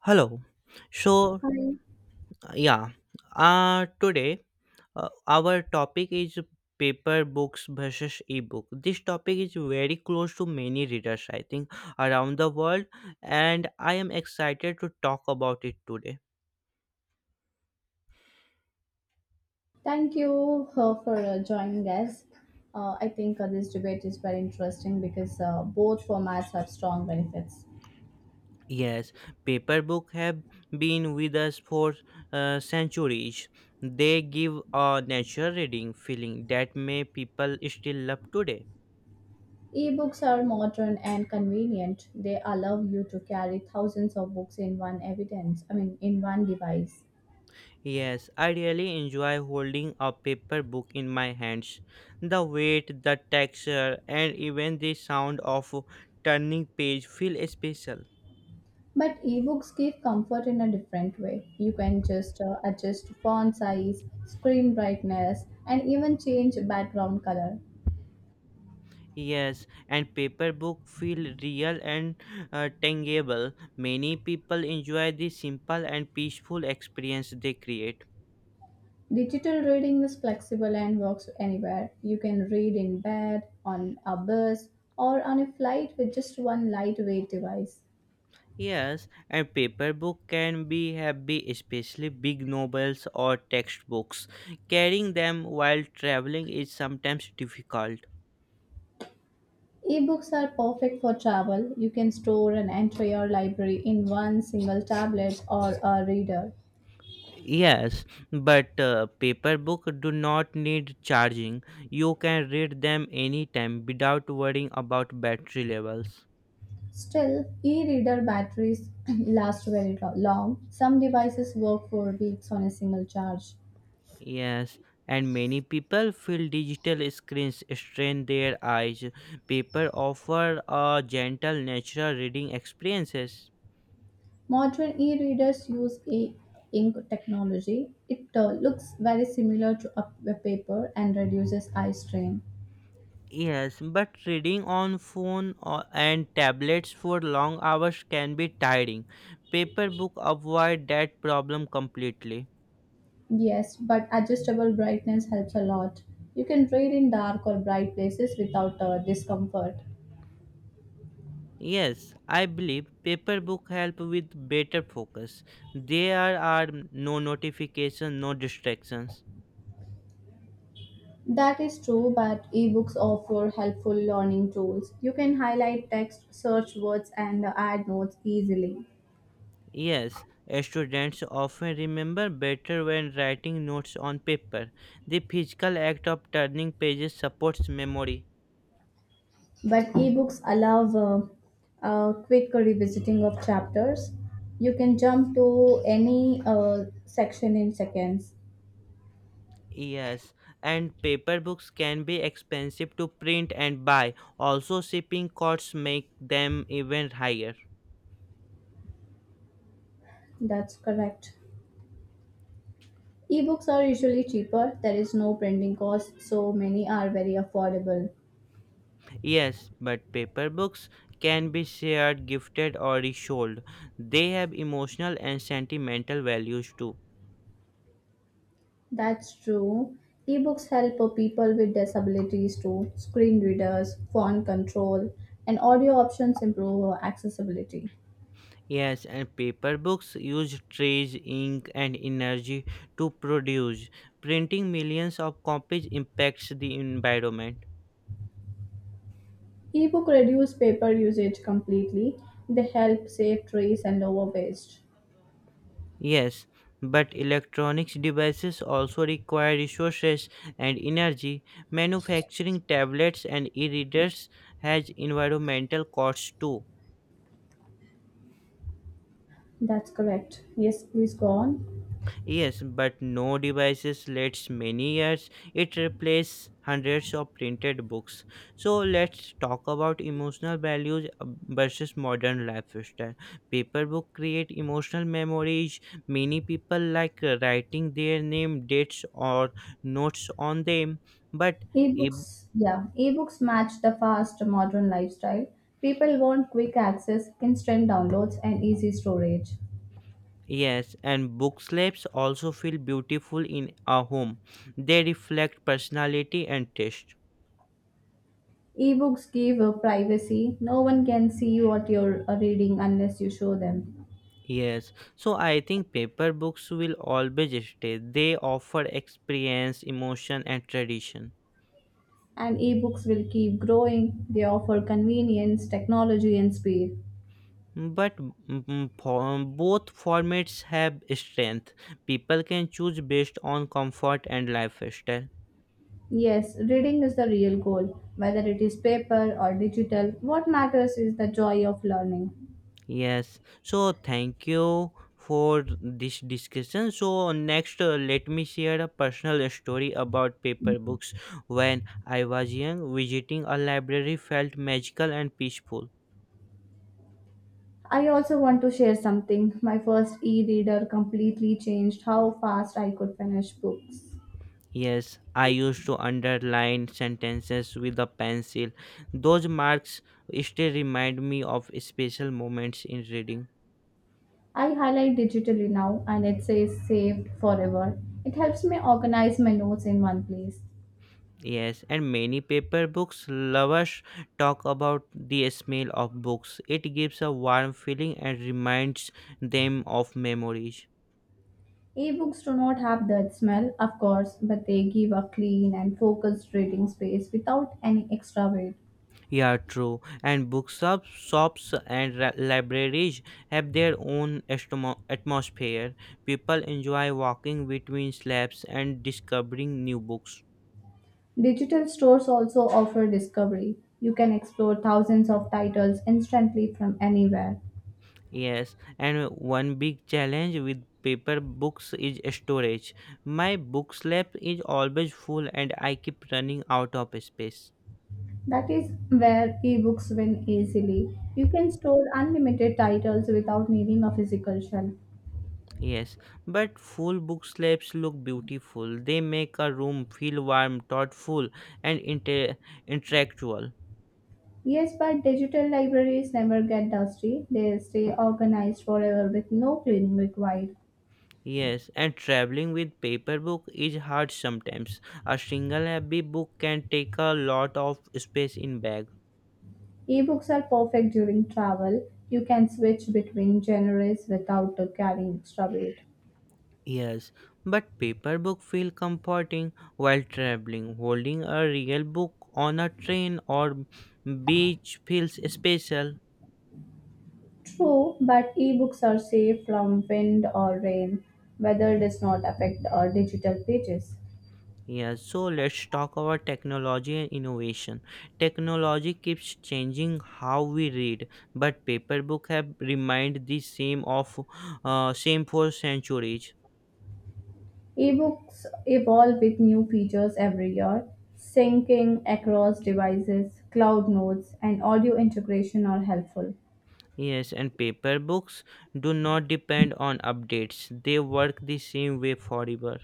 Hello. So, yeah, today Our topic is paper books versus ebook. This topic is very close to many readers, I think, around the world, and I am excited to talk about it today. Thank you for joining us. I think this debate is very interesting because both formats have strong benefits. Yes, paper book have been with us for centuries. They give a natural reading feeling that may people still love today. Ebooks are modern and convenient. They allow you to carry thousands of books in one evidence, I mean, in one device. Yes, I really enjoy holding a paper book in my hands. The weight, the texture, and even the sound of turning page feel special. But ebooks give comfort in a different way. You can just adjust font size, screen brightness, and even change background color. Yes, and paper book feel real and tangible. Many people enjoy the simple and peaceful experience they create. Digital reading is flexible and works anywhere. You can read in bed, on a bus, or on a flight with just one lightweight device. Yes, and paper book can be heavy, especially big novels or textbooks. Carrying them while traveling is sometimes difficult. Ebooks are perfect for travel. You can store an entire library in one single tablet or a reader. Yes, but paper book do not need charging. You can read them anytime without worrying about battery levels. Still, e-reader batteries last very long. Some devices work for weeks on a single charge. Yes, and many people feel digital screens strain their eyes. Paper offer a gentle natural reading experiences. Modern e-readers use a ink technology. It looks very similar to a paper and reduces eye strain. Yes, but reading on phone or, and tablets for long hours can be tiring. Paper book avoid that problem completely. Yes, but adjustable brightness helps a lot. You can read in dark or bright places without discomfort. Yes, I believe paper book help with better focus. There are no notification, no distractions. That is true, but ebooks offer helpful learning tools. You can highlight text, search words, and add notes easily. Yes, students often remember better when writing notes on paper. The physical act of turning pages supports memory. But ebooks allow quick revisiting of chapters. You can jump to any section in seconds. Yes, and paper books can be expensive to print and buy. Also, shipping costs make them even higher. That's correct. Ebooks are usually cheaper. There is no printing cost, so many are very affordable. Yes, but paper books can be shared, gifted, or resold. They have emotional and sentimental values too. That's true. Ebooks help people with disabilities too. Screen readers, font control, and audio options improve accessibility. Yes, and paper books use trees, ink, and energy to produce. Printing millions of copies impacts the environment. Ebook reduce paper usage completely. They help save trees and lower waste. Yes, but electronics devices also require resources and energy. Manufacturing tablets and e readers has environmental costs too. That's correct. Yes, please go on. Yes, but no devices lasts many years. It replaces hundreds of printed books. So let's talk about emotional values versus modern lifestyle. Paper book create emotional memories. Many people like writing their name, dates, or notes on them. But e- Ebooks match the fast modern lifestyle. People want quick access, instant downloads, and easy storage. yes, and book slabs also feel beautiful in a home. They reflect personality and taste. Ebooks give a privacy. No one can see what you're reading unless you show them. Yes, so I think paper books will always stay. They offer experience, emotion, and tradition. And ebooks will keep growing. They offer convenience, technology, and speed. Both formats have strength. People can choose based on comfort and lifestyle. Yes, reading is the real goal. Whether it is paper or digital, what matters is the joy of learning. Yes, so thank you for this discussion. So, next, let me share a personal story about paper books. When I was young, visiting a library felt magical and peaceful. I also want to share something. My first e reader completely changed how fast I could finish books. Yes, I used to underline sentences with a pencil. Those marks still remind me of special moments in reading. I highlight digitally now and it says saved forever. It helps me organize my notes in one place. Yes, and many paper books lovers talk about the smell of books. It gives a warm feeling and reminds them of memories. Ebooks do not have that smell, of course, but they give a clean and focused reading space without any extra weight. Yeah, true. And bookshop shops and libraries have their own atmosphere. People enjoy walking between slabs and discovering new books. Digital stores also offer discovery. You can explore thousands of titles instantly from anywhere. Yes, and one big challenge with paper books is storage. My book slab is always full and I keep running out of space. That is where ebooks win easily. You can store unlimited titles without needing a physical shelf. Yes, but full book slabs look beautiful. They make a room feel warm, thoughtful, and intellectual. Yes, but digital libraries never get dusty. They stay organized forever with no cleaning required. Yes, and traveling with paper book is hard sometimes. A single heavy book can take a lot of space in bag. Ebooks are perfect during travel. You can switch between genres without carrying extra weight. Yes, but paper book feel comforting while traveling. Holding a real book on a train or beach feels special. True, but ebooks are safe from wind or rain. Weather does not affect our digital pages. Yes, so let's talk about technology and innovation. Technology keeps changing how we read, but paper book have remained the same for centuries. Ebooks evolve with new features every year. Syncing across devices, cloud notes, and audio integration are helpful. Yes, and paper books do not depend on updates. They work the same way forever.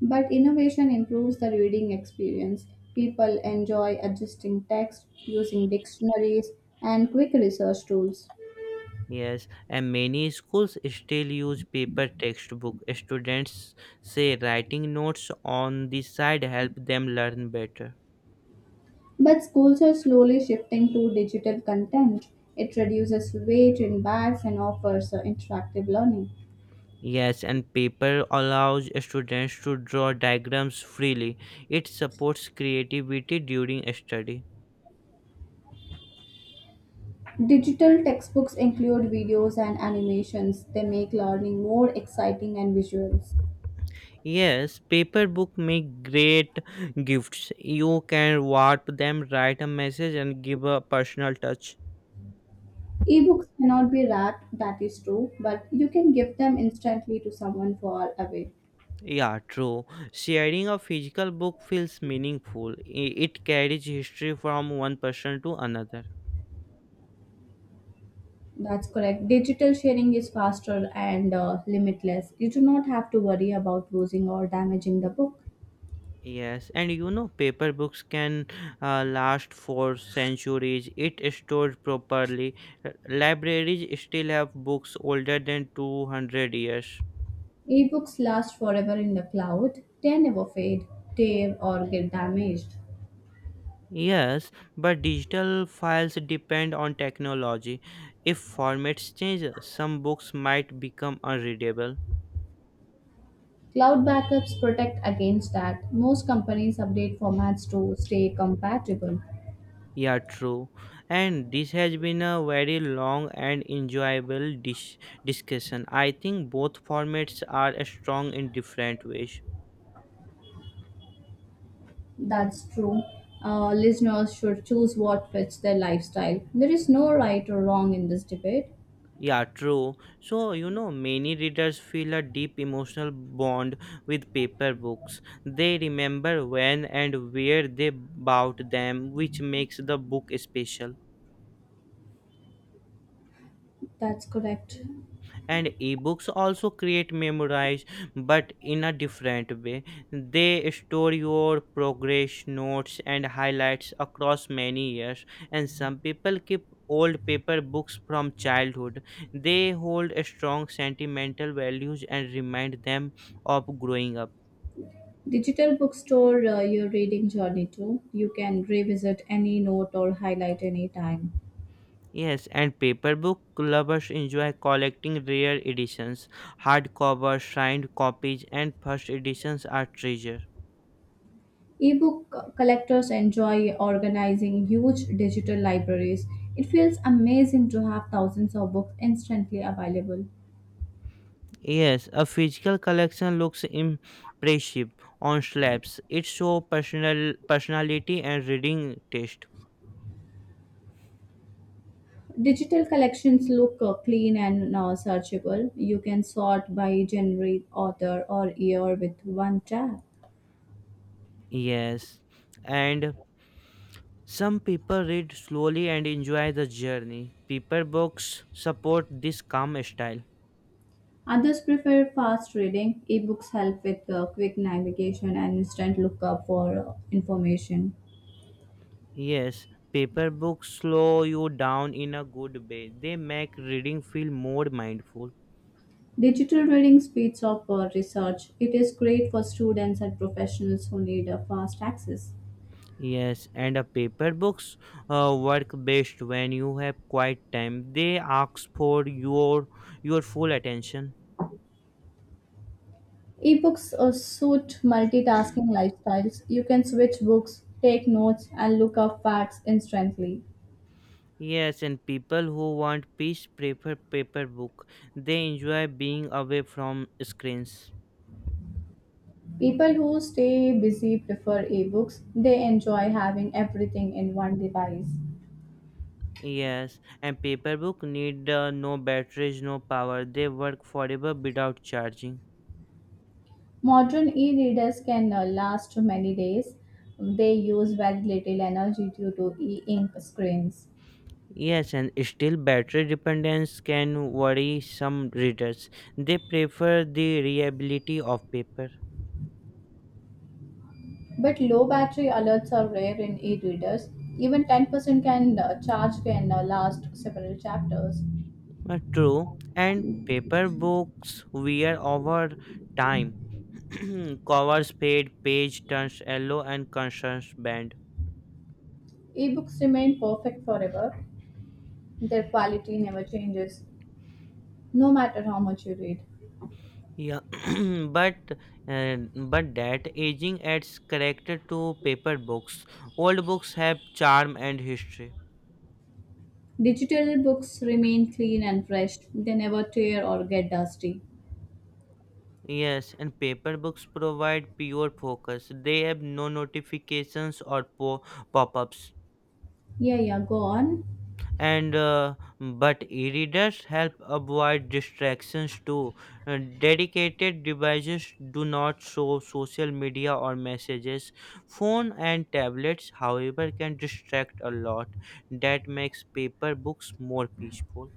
But innovation improves the reading experience. People enjoy adjusting text, using dictionaries, and quick research tools. Yes, and many schools still use paper textbook. Students say writing notes on the side help them learn better. But schools are slowly shifting to digital content. It reduces weight in bags and offers interactive learning. Yes, and paper allows students to draw diagrams freely. It supports creativity during study. Digital textbooks include videos and animations. They make learning more exciting and visuals. Yes, paper book make great gifts. You can warp them, write a message and give a personal touch. Ebooks cannot be wrapped, that is true, but you can give them instantly to someone far away. Yeah, true. Sharing a physical book feels meaningful. It carries history from one person to another. That's correct. Digital sharing is faster and limitless. You do not have to worry about losing or damaging the book. Yes, and paper books can last for centuries. It stored properly. Libraries still have books older than 200 years. Ebooks last forever in the cloud. They never fade, tear, or get damaged. Yes, but digital files depend on technology. If formats change, some books might become unreadable. Cloud backups protect against that. Most companies update formats to stay compatible. Yeah, true. And this has been a very long and enjoyable discussion. I think both formats are strong in different ways. That's true. Listeners should choose what fits their lifestyle. There is no right or wrong in this debate. Yeah, true. So, many readers feel a deep emotional bond with paper books. They remember when and where they bought them, which makes the book special. That's correct. And ebooks also create memorize, but in a different way. They store your progress notes and highlights across many years. And some people keep old paper books from childhood. They hold a strong sentimental values and remind them of growing up. Digital bookstore, your reading journey too. You can revisit any note or highlight any time. Yes, and paper book lovers enjoy collecting rare editions. Hardcover signed copies and first editions are treasure. Ebook collectors enjoy organizing huge digital libraries. It feels amazing to have thousands of books instantly available. Yes, a physical collection looks impressive on slabs. It shows personal personality and reading taste. Digital collections look clean and searchable. You can sort by genre, author, or year with one tab. Yes, and some people read slowly and enjoy the journey. Paper books support this calm style. Others prefer fast reading. Ebooks help with quick navigation and instant lookup for information. Yes, paper books slow you down in a good way. They make reading feel more mindful. Digital reading speeds up research. It is great for students and professionals who need a fast access. Yes, and paper books work best when you have quiet time. They ask for your full attention. Ebooks suit multitasking lifestyles. You can switch books, take notes, and look up facts instantly. Yes, and people who want peace prefer paper book. They enjoy being away from screens. People who stay busy prefer ebooks. They enjoy having everything in one device. Yes, and paper book need no batteries, no power. They work forever without charging. Modern e readers can last many days. They use very little energy due to e ink screens. Yes, and still battery dependence can worry some readers. They prefer the reliability of paper. But low battery alerts are rare in e-readers. Even 10% can charge can last several chapters. True, and paper books wear over time. Covers fade, page turns yellow, and concerns bend. Ebooks remain perfect forever. Their quality never changes, no matter how much you read. Yeah, but uh, but that aging adds character to paper books. Old books have charm and history. Digital books remain clean and fresh. They never tear or get dusty. Yes, and paper books provide pure focus. They have no notifications or pop-ups. Yeah, yeah, go on. And but e-readers help avoid distractions too. Dedicated devices do not show social media or messages. Phone and tablets however can distract a lot. That makes paper books more peaceful.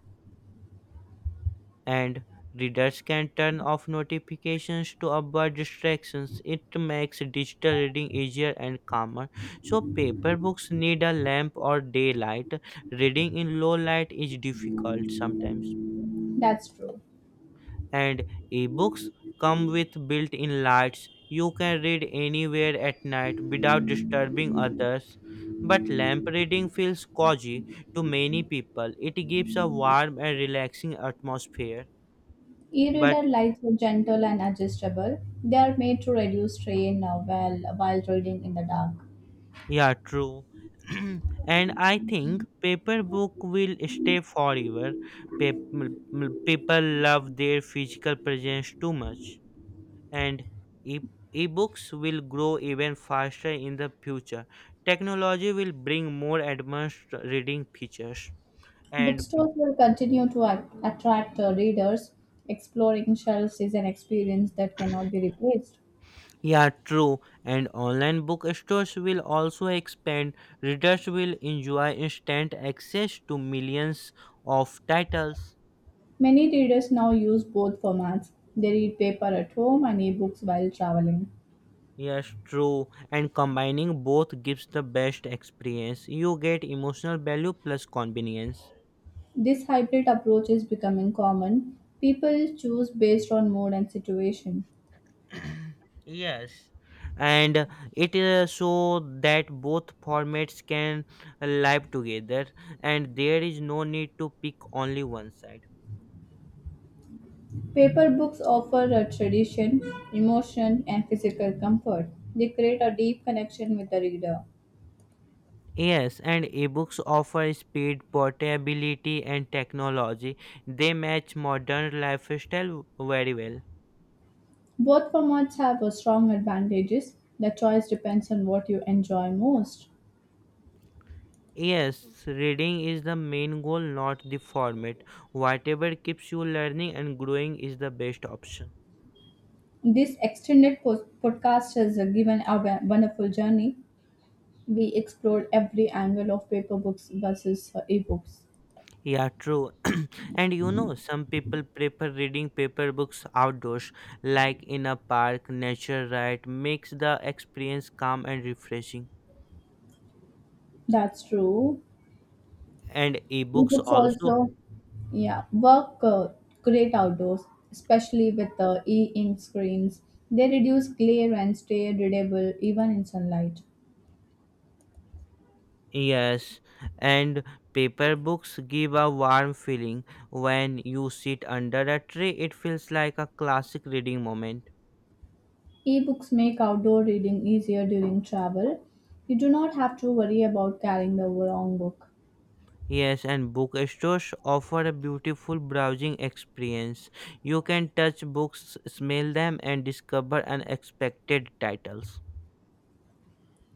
And readers can turn off notifications to avoid distractions. It makes digital reading easier and calmer. So, paper books need a lamp or daylight. Reading in low light is difficult sometimes. That's true. And ebooks come with built in lights. You can read anywhere at night without disturbing others. But lamp reading feels cozy to many people. It gives a warm and relaxing atmosphere, but E-reader lights are gentle and adjustable. They are made to reduce strain while reading in the dark. yeah, true. And I think paper book will stay forever. People love their physical presence too much, and e- ebooks will grow even faster in the future. Technology will bring more advanced reading features. And Bookstores will continue to attract readers. Exploring shelves is an experience that cannot be replaced. yeah, true. And online bookstores will also expand. Readers will enjoy instant access to millions of titles. Many readers now use both formats. They read paper at home and ebooks while traveling. Yes, true. And combining both gives the best experience. You get emotional value plus convenience. This hybrid approach is becoming common. People choose based on mood and situation. Yes, and it is so that both formats can live together, and there is no need to pick only one side. Paper books offer a tradition, emotion, and physical comfort. They create a deep connection with the reader. Yes, and ebooks offer speed portability and technology. They match modern lifestyle very well. Both formats have strong advantages. The choice depends on what you enjoy most. Yes, reading is the main goal, not the format. Whatever keeps you learning and growing is the best option. This extended podcast has given a wonderful journey. We explored every angle of paper books versus ebooks. Yeah, true. And some people prefer reading paper books outdoors, like in a park, nature right, makes the experience calm and refreshing. That's true. And ebooks Ebooks also. also, yeah, work great outdoors, especially with the e-ink screens. They reduce glare and stay readable even in sunlight. Yes, and paper books give a warm feeling. When you sit under a tree, it feels like a classic reading moment. E-books make outdoor reading easier during travel. You do not have to worry about carrying the wrong book. Yes, and bookstores offer a beautiful browsing experience. You can touch books, smell them, and discover unexpected titles.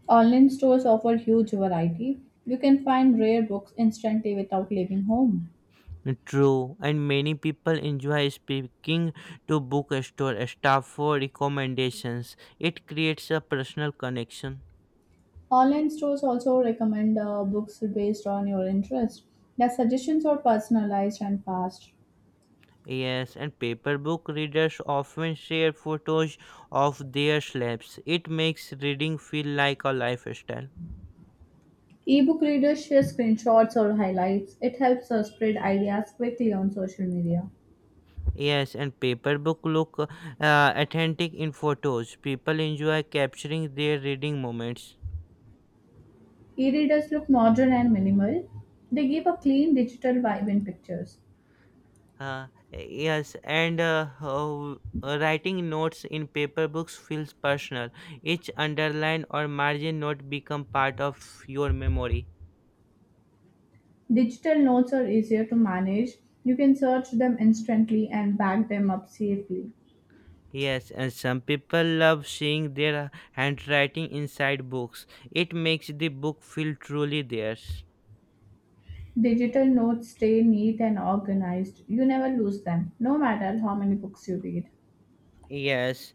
Online stores offer huge variety. You can find rare books instantly without leaving home. True, and many people enjoy speaking to bookstore staff for recommendations. It creates a personal connection. Online stores also recommend books based on your interest. Their suggestions are personalized and fast. Yes, and paper book readers often share photos of their slabs. It makes reading feel like a lifestyle. Ebook readers share screenshots or highlights. It helps us spread ideas quickly on social media. Yes, and paper book look authentic in photos. People enjoy capturing their reading moments. E readers look modern and minimal. They give a clean digital vibe in pictures. Yes, writing notes in paper books feels personal. Each underline or margin note become part of your memory. Digital notes are easier to manage. You can search them instantly and back them up safely. Yes, and some people love seeing their handwriting inside books. It makes the book feel truly theirs. Digital notes stay neat and organized. You never lose them, no matter how many books you read. Yes,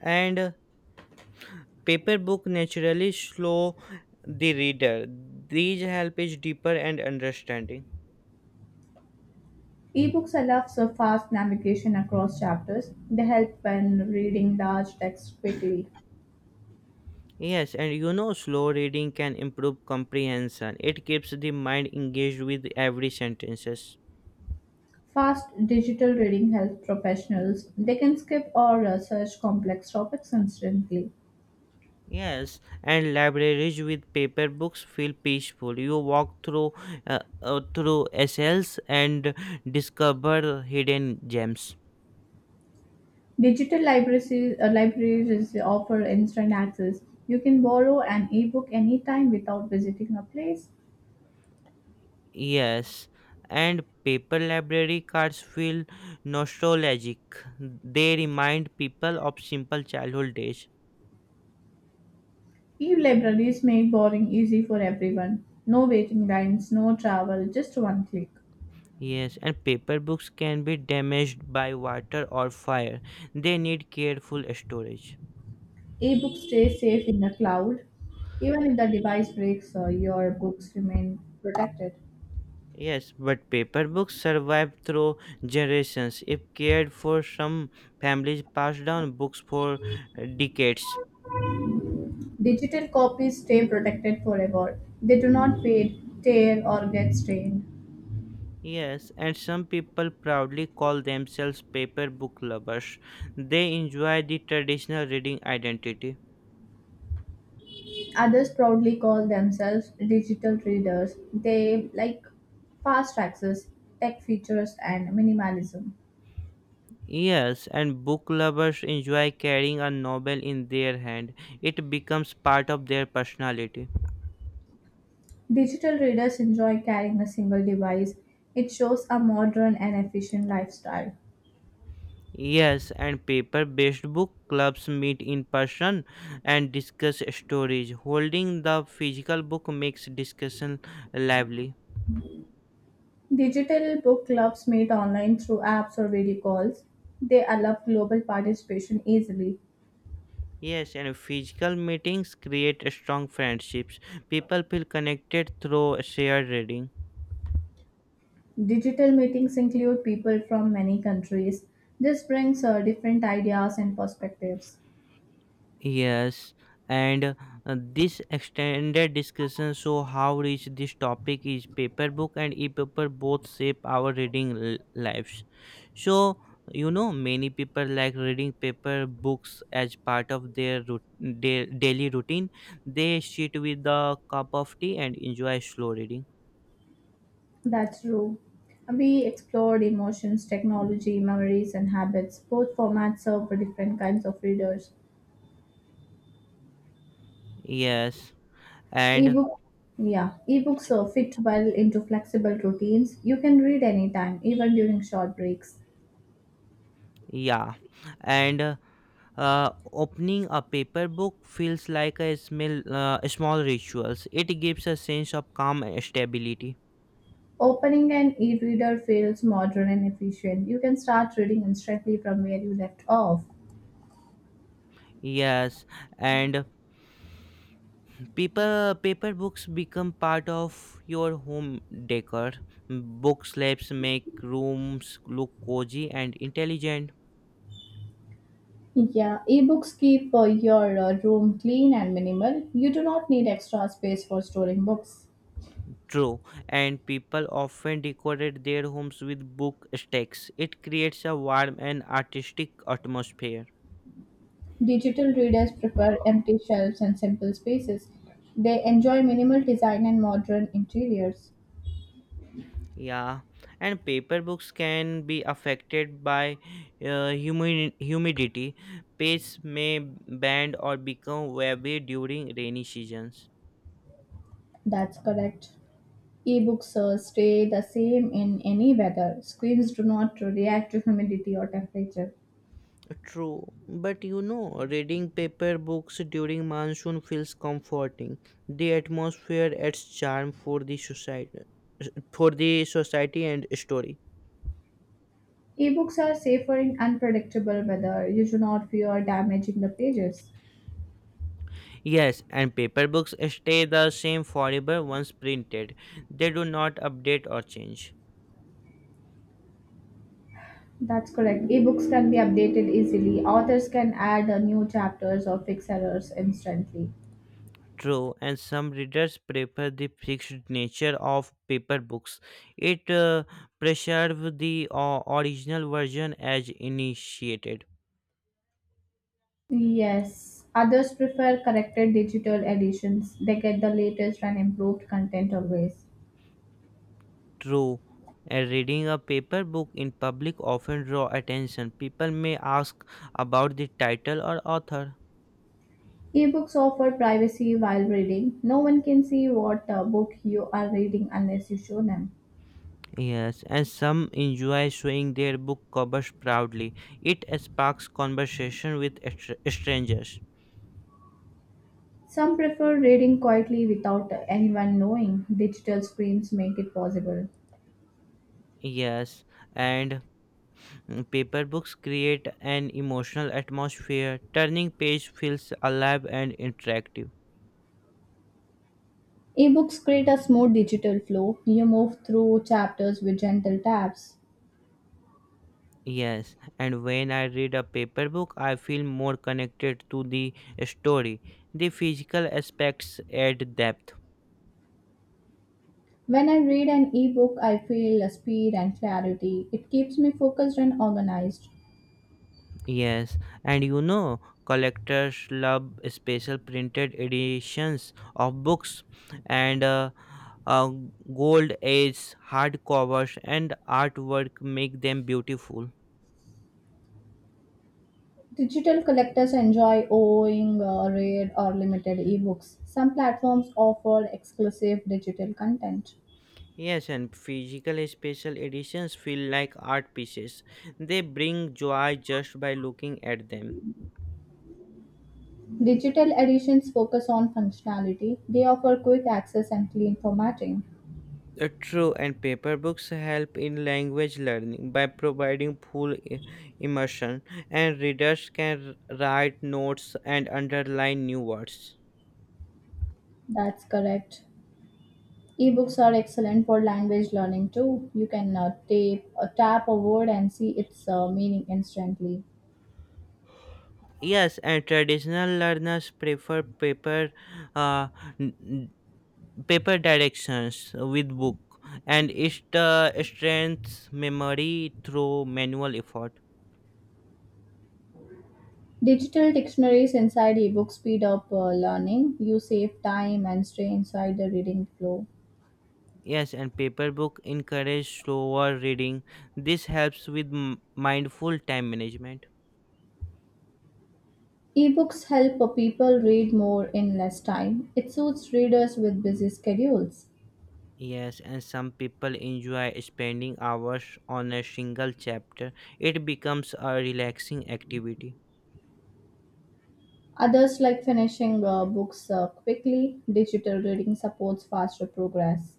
and paper book naturally slow the reader. These help is deeper and understanding. Ebooks allow for fast navigation across chapters. They help when reading large text quickly. Yes, and slow reading can improve comprehension. It keeps the mind engaged with every sentences. Fast digital reading helps professionals. They can skip or search complex topics instantly. Yes, and libraries with paper books feel peaceful. You walk through through essays and discover hidden gems. Digital libraries, offer instant access. You can borrow an ebook anytime without visiting a place. Yes, and paper library cards feel nostalgic. They remind people of simple childhood days. E-libraries make borrowing easy for everyone. No waiting lines, no travel, just one click. Yes, and paper books can be damaged by water or fire. They need careful storage. Ebooks stay safe in the cloud. Even if the device breaks, your books remain protected. Yes, but paper books survive through generations. If cared for, some families pass down books for decades. Digital copies stay protected forever. They do not fade, tear, or get stained. Yes, and some people proudly call themselves paper book lovers. They enjoy the traditional reading identity. Others proudly call themselves digital readers. They like fast access, tech features, and minimalism. Yes, and book lovers enjoy carrying a novel in their hand. It becomes part of their personality. Digital readers enjoy carrying a single device. It shows a modern and efficient lifestyle. Yes, and paper based book clubs meet in person and discuss stories. Holding the physical book makes discussion lively. Digital book clubs meet online through apps or video calls. They allow global participation easily. Yes, and physical meetings create strong friendships. People feel connected through shared reading. Digital meetings include people from many countries. This brings different ideas and perspectives. Yes, and this extended discussion show how rich this topic is. Paperbook and e-paper both shape our reading lives. So many people like reading paper books as part of their daily routine. They sit with a cup of tea and enjoy slow reading. That's true. We explored emotions, technology, memories, and habits. Both formats serve for different kinds of readers. Yes, and Ebook, yeah, ebooks are fit well into flexible routines. You can read anytime, even during short breaks. Yeah, and Opening a paper book feels like a small rituals. It gives a sense of calm and stability. Opening an e-reader feels modern and efficient. You can start reading instantly from where you left off. Yes, and paper books become part of your home decor. Book slabs make rooms look cozy and intelligent. Yeah, ebooks keep your room clean and minimal. You do not need extra space for storing books. True, and people often decorate their homes with book stacks. It creates a warm and artistic atmosphere. Digital readers prefer empty shelves and simple spaces. They enjoy minimal design and modern interiors. Yeah, and paper books can be affected by humidity. Pages may bend or become wavy during rainy seasons. That's correct. Ebooks stay the same in any weather. Screens do not react to humidity or temperature. True, but reading paper books during monsoon feels comforting. The atmosphere adds charm for the society and story. Ebooks are safer in unpredictable weather. You do not fear damaging the pages. Yes, and paper books stay the same forever once printed. They do not update or change. That's correct. Ebooks can be updated easily. Authors can add new chapters or fix errors instantly. True, and some readers prefer the fixed nature of paper books. It preserves the original version as initiated. Yes, others prefer corrected digital editions. They get the latest and improved content always. True, and reading a paper book in public often draw attention. People may ask about the title or author. Ebooks offer privacy while reading. No one can see what book you are reading unless you show them. Yes, and some enjoy showing their book covers proudly. It sparks conversation with strangers. Some prefer reading quietly without anyone knowing. Digital screens make it possible. Yes, and Paper books create an emotional atmosphere. Turning page feels alive and interactive. Ebooks create a smooth digital flow. You move through chapters with gentle taps. Yes, and when I read a paper book, I feel more connected to the story. The physical aspects add depth. When I read an ebook, I feel a speed and clarity. It keeps me focused and organized. Yes, and collectors love special printed editions of books and uh, gold age hardcovers and artwork make them beautiful. Digital collectors enjoy owning rare or limited ebooks. Some platforms offer exclusive digital content. Yes, and physical special editions feel like art pieces. They bring joy just by looking at them. Digital editions focus on functionality. They offer quick access and clean formatting. True, and paper books help in language learning by providing full immersion, and readers can write notes and underline new words. That's correct. Ebooks are excellent for language learning too. You can tap a word and see its meaning instantly. Yes, and traditional learners prefer uh, n- n- paper directions with book, and it strengthens memory through manual effort. Digital dictionaries inside ebooks speed up learning. You save time and stay inside the reading flow. Yes, and paper book encourage slower reading. This helps with mindful time management. Ebooks help people read more in less time. It suits readers with busy schedules. Yes, and some people enjoy spending hours on a single chapter. It becomes a relaxing activity. Others like finishing books quickly. Digital reading supports faster progress.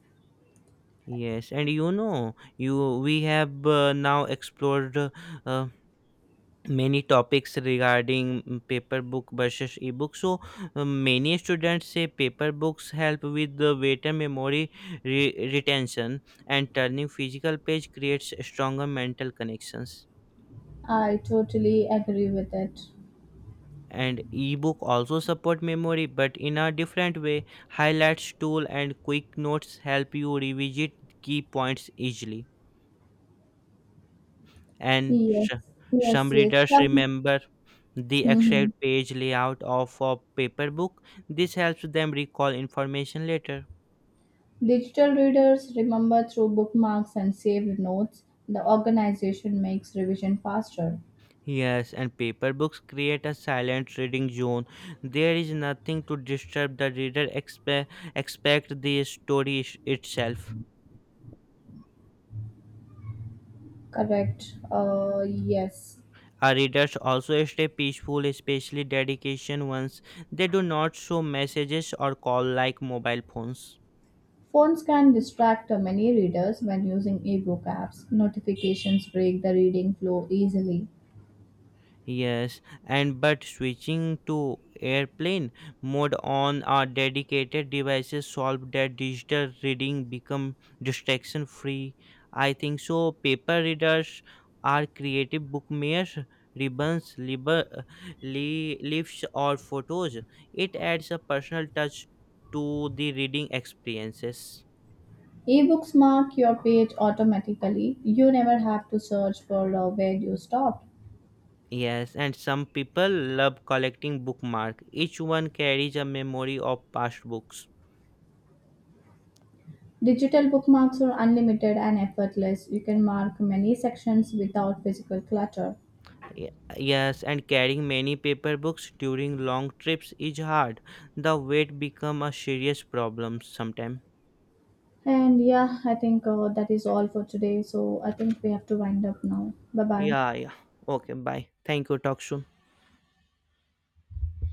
Yes, and you know, you we have now explored many topics regarding paper book versus ebook, so many students say paper books help with the better memory retention, and turning physical page creates stronger mental connections, I totally agree with it. and ebook also support memory but in a different way. Highlights tool and quick notes help you revisit key points easily, and Yes, sh- yes, some yes. readers Some, remember the mhm. exact page layout of a paper book. This helps them recall information later. Digital readers remember through bookmarks and saved notes. The organization makes revision faster. Yes, and paper books create a silent reading zone. There is nothing to disturb the reader except the story itself. Correct. Yes. Our readers also stay peaceful, especially dedication ones. They do not show messages or call like mobile phones. Phones can distract many readers when using ebook apps. Notifications break the reading flow easily. Yes, and but switching to airplane mode on our dedicated devices solve that digital reading become distraction free. I think so. Paper readers are creative bookmakers, ribbons, liber, li, leaves, or photos. It adds a personal touch to the reading experiences. Ebooks mark your page automatically. You never have to search for where you stopped. Yes, and some people love collecting bookmark. Each one carries a memory of past books. Digital bookmarks are unlimited and effortless. You can mark many sections without physical clutter. Y- Yes, and carrying many paper books during long trips is hard. The weight become a serious problem sometime. And yeah, I think that is all for today. So I think we have to wind up now. Bye bye. Yeah, yeah. Okay, bye. Thank you. Talk soon.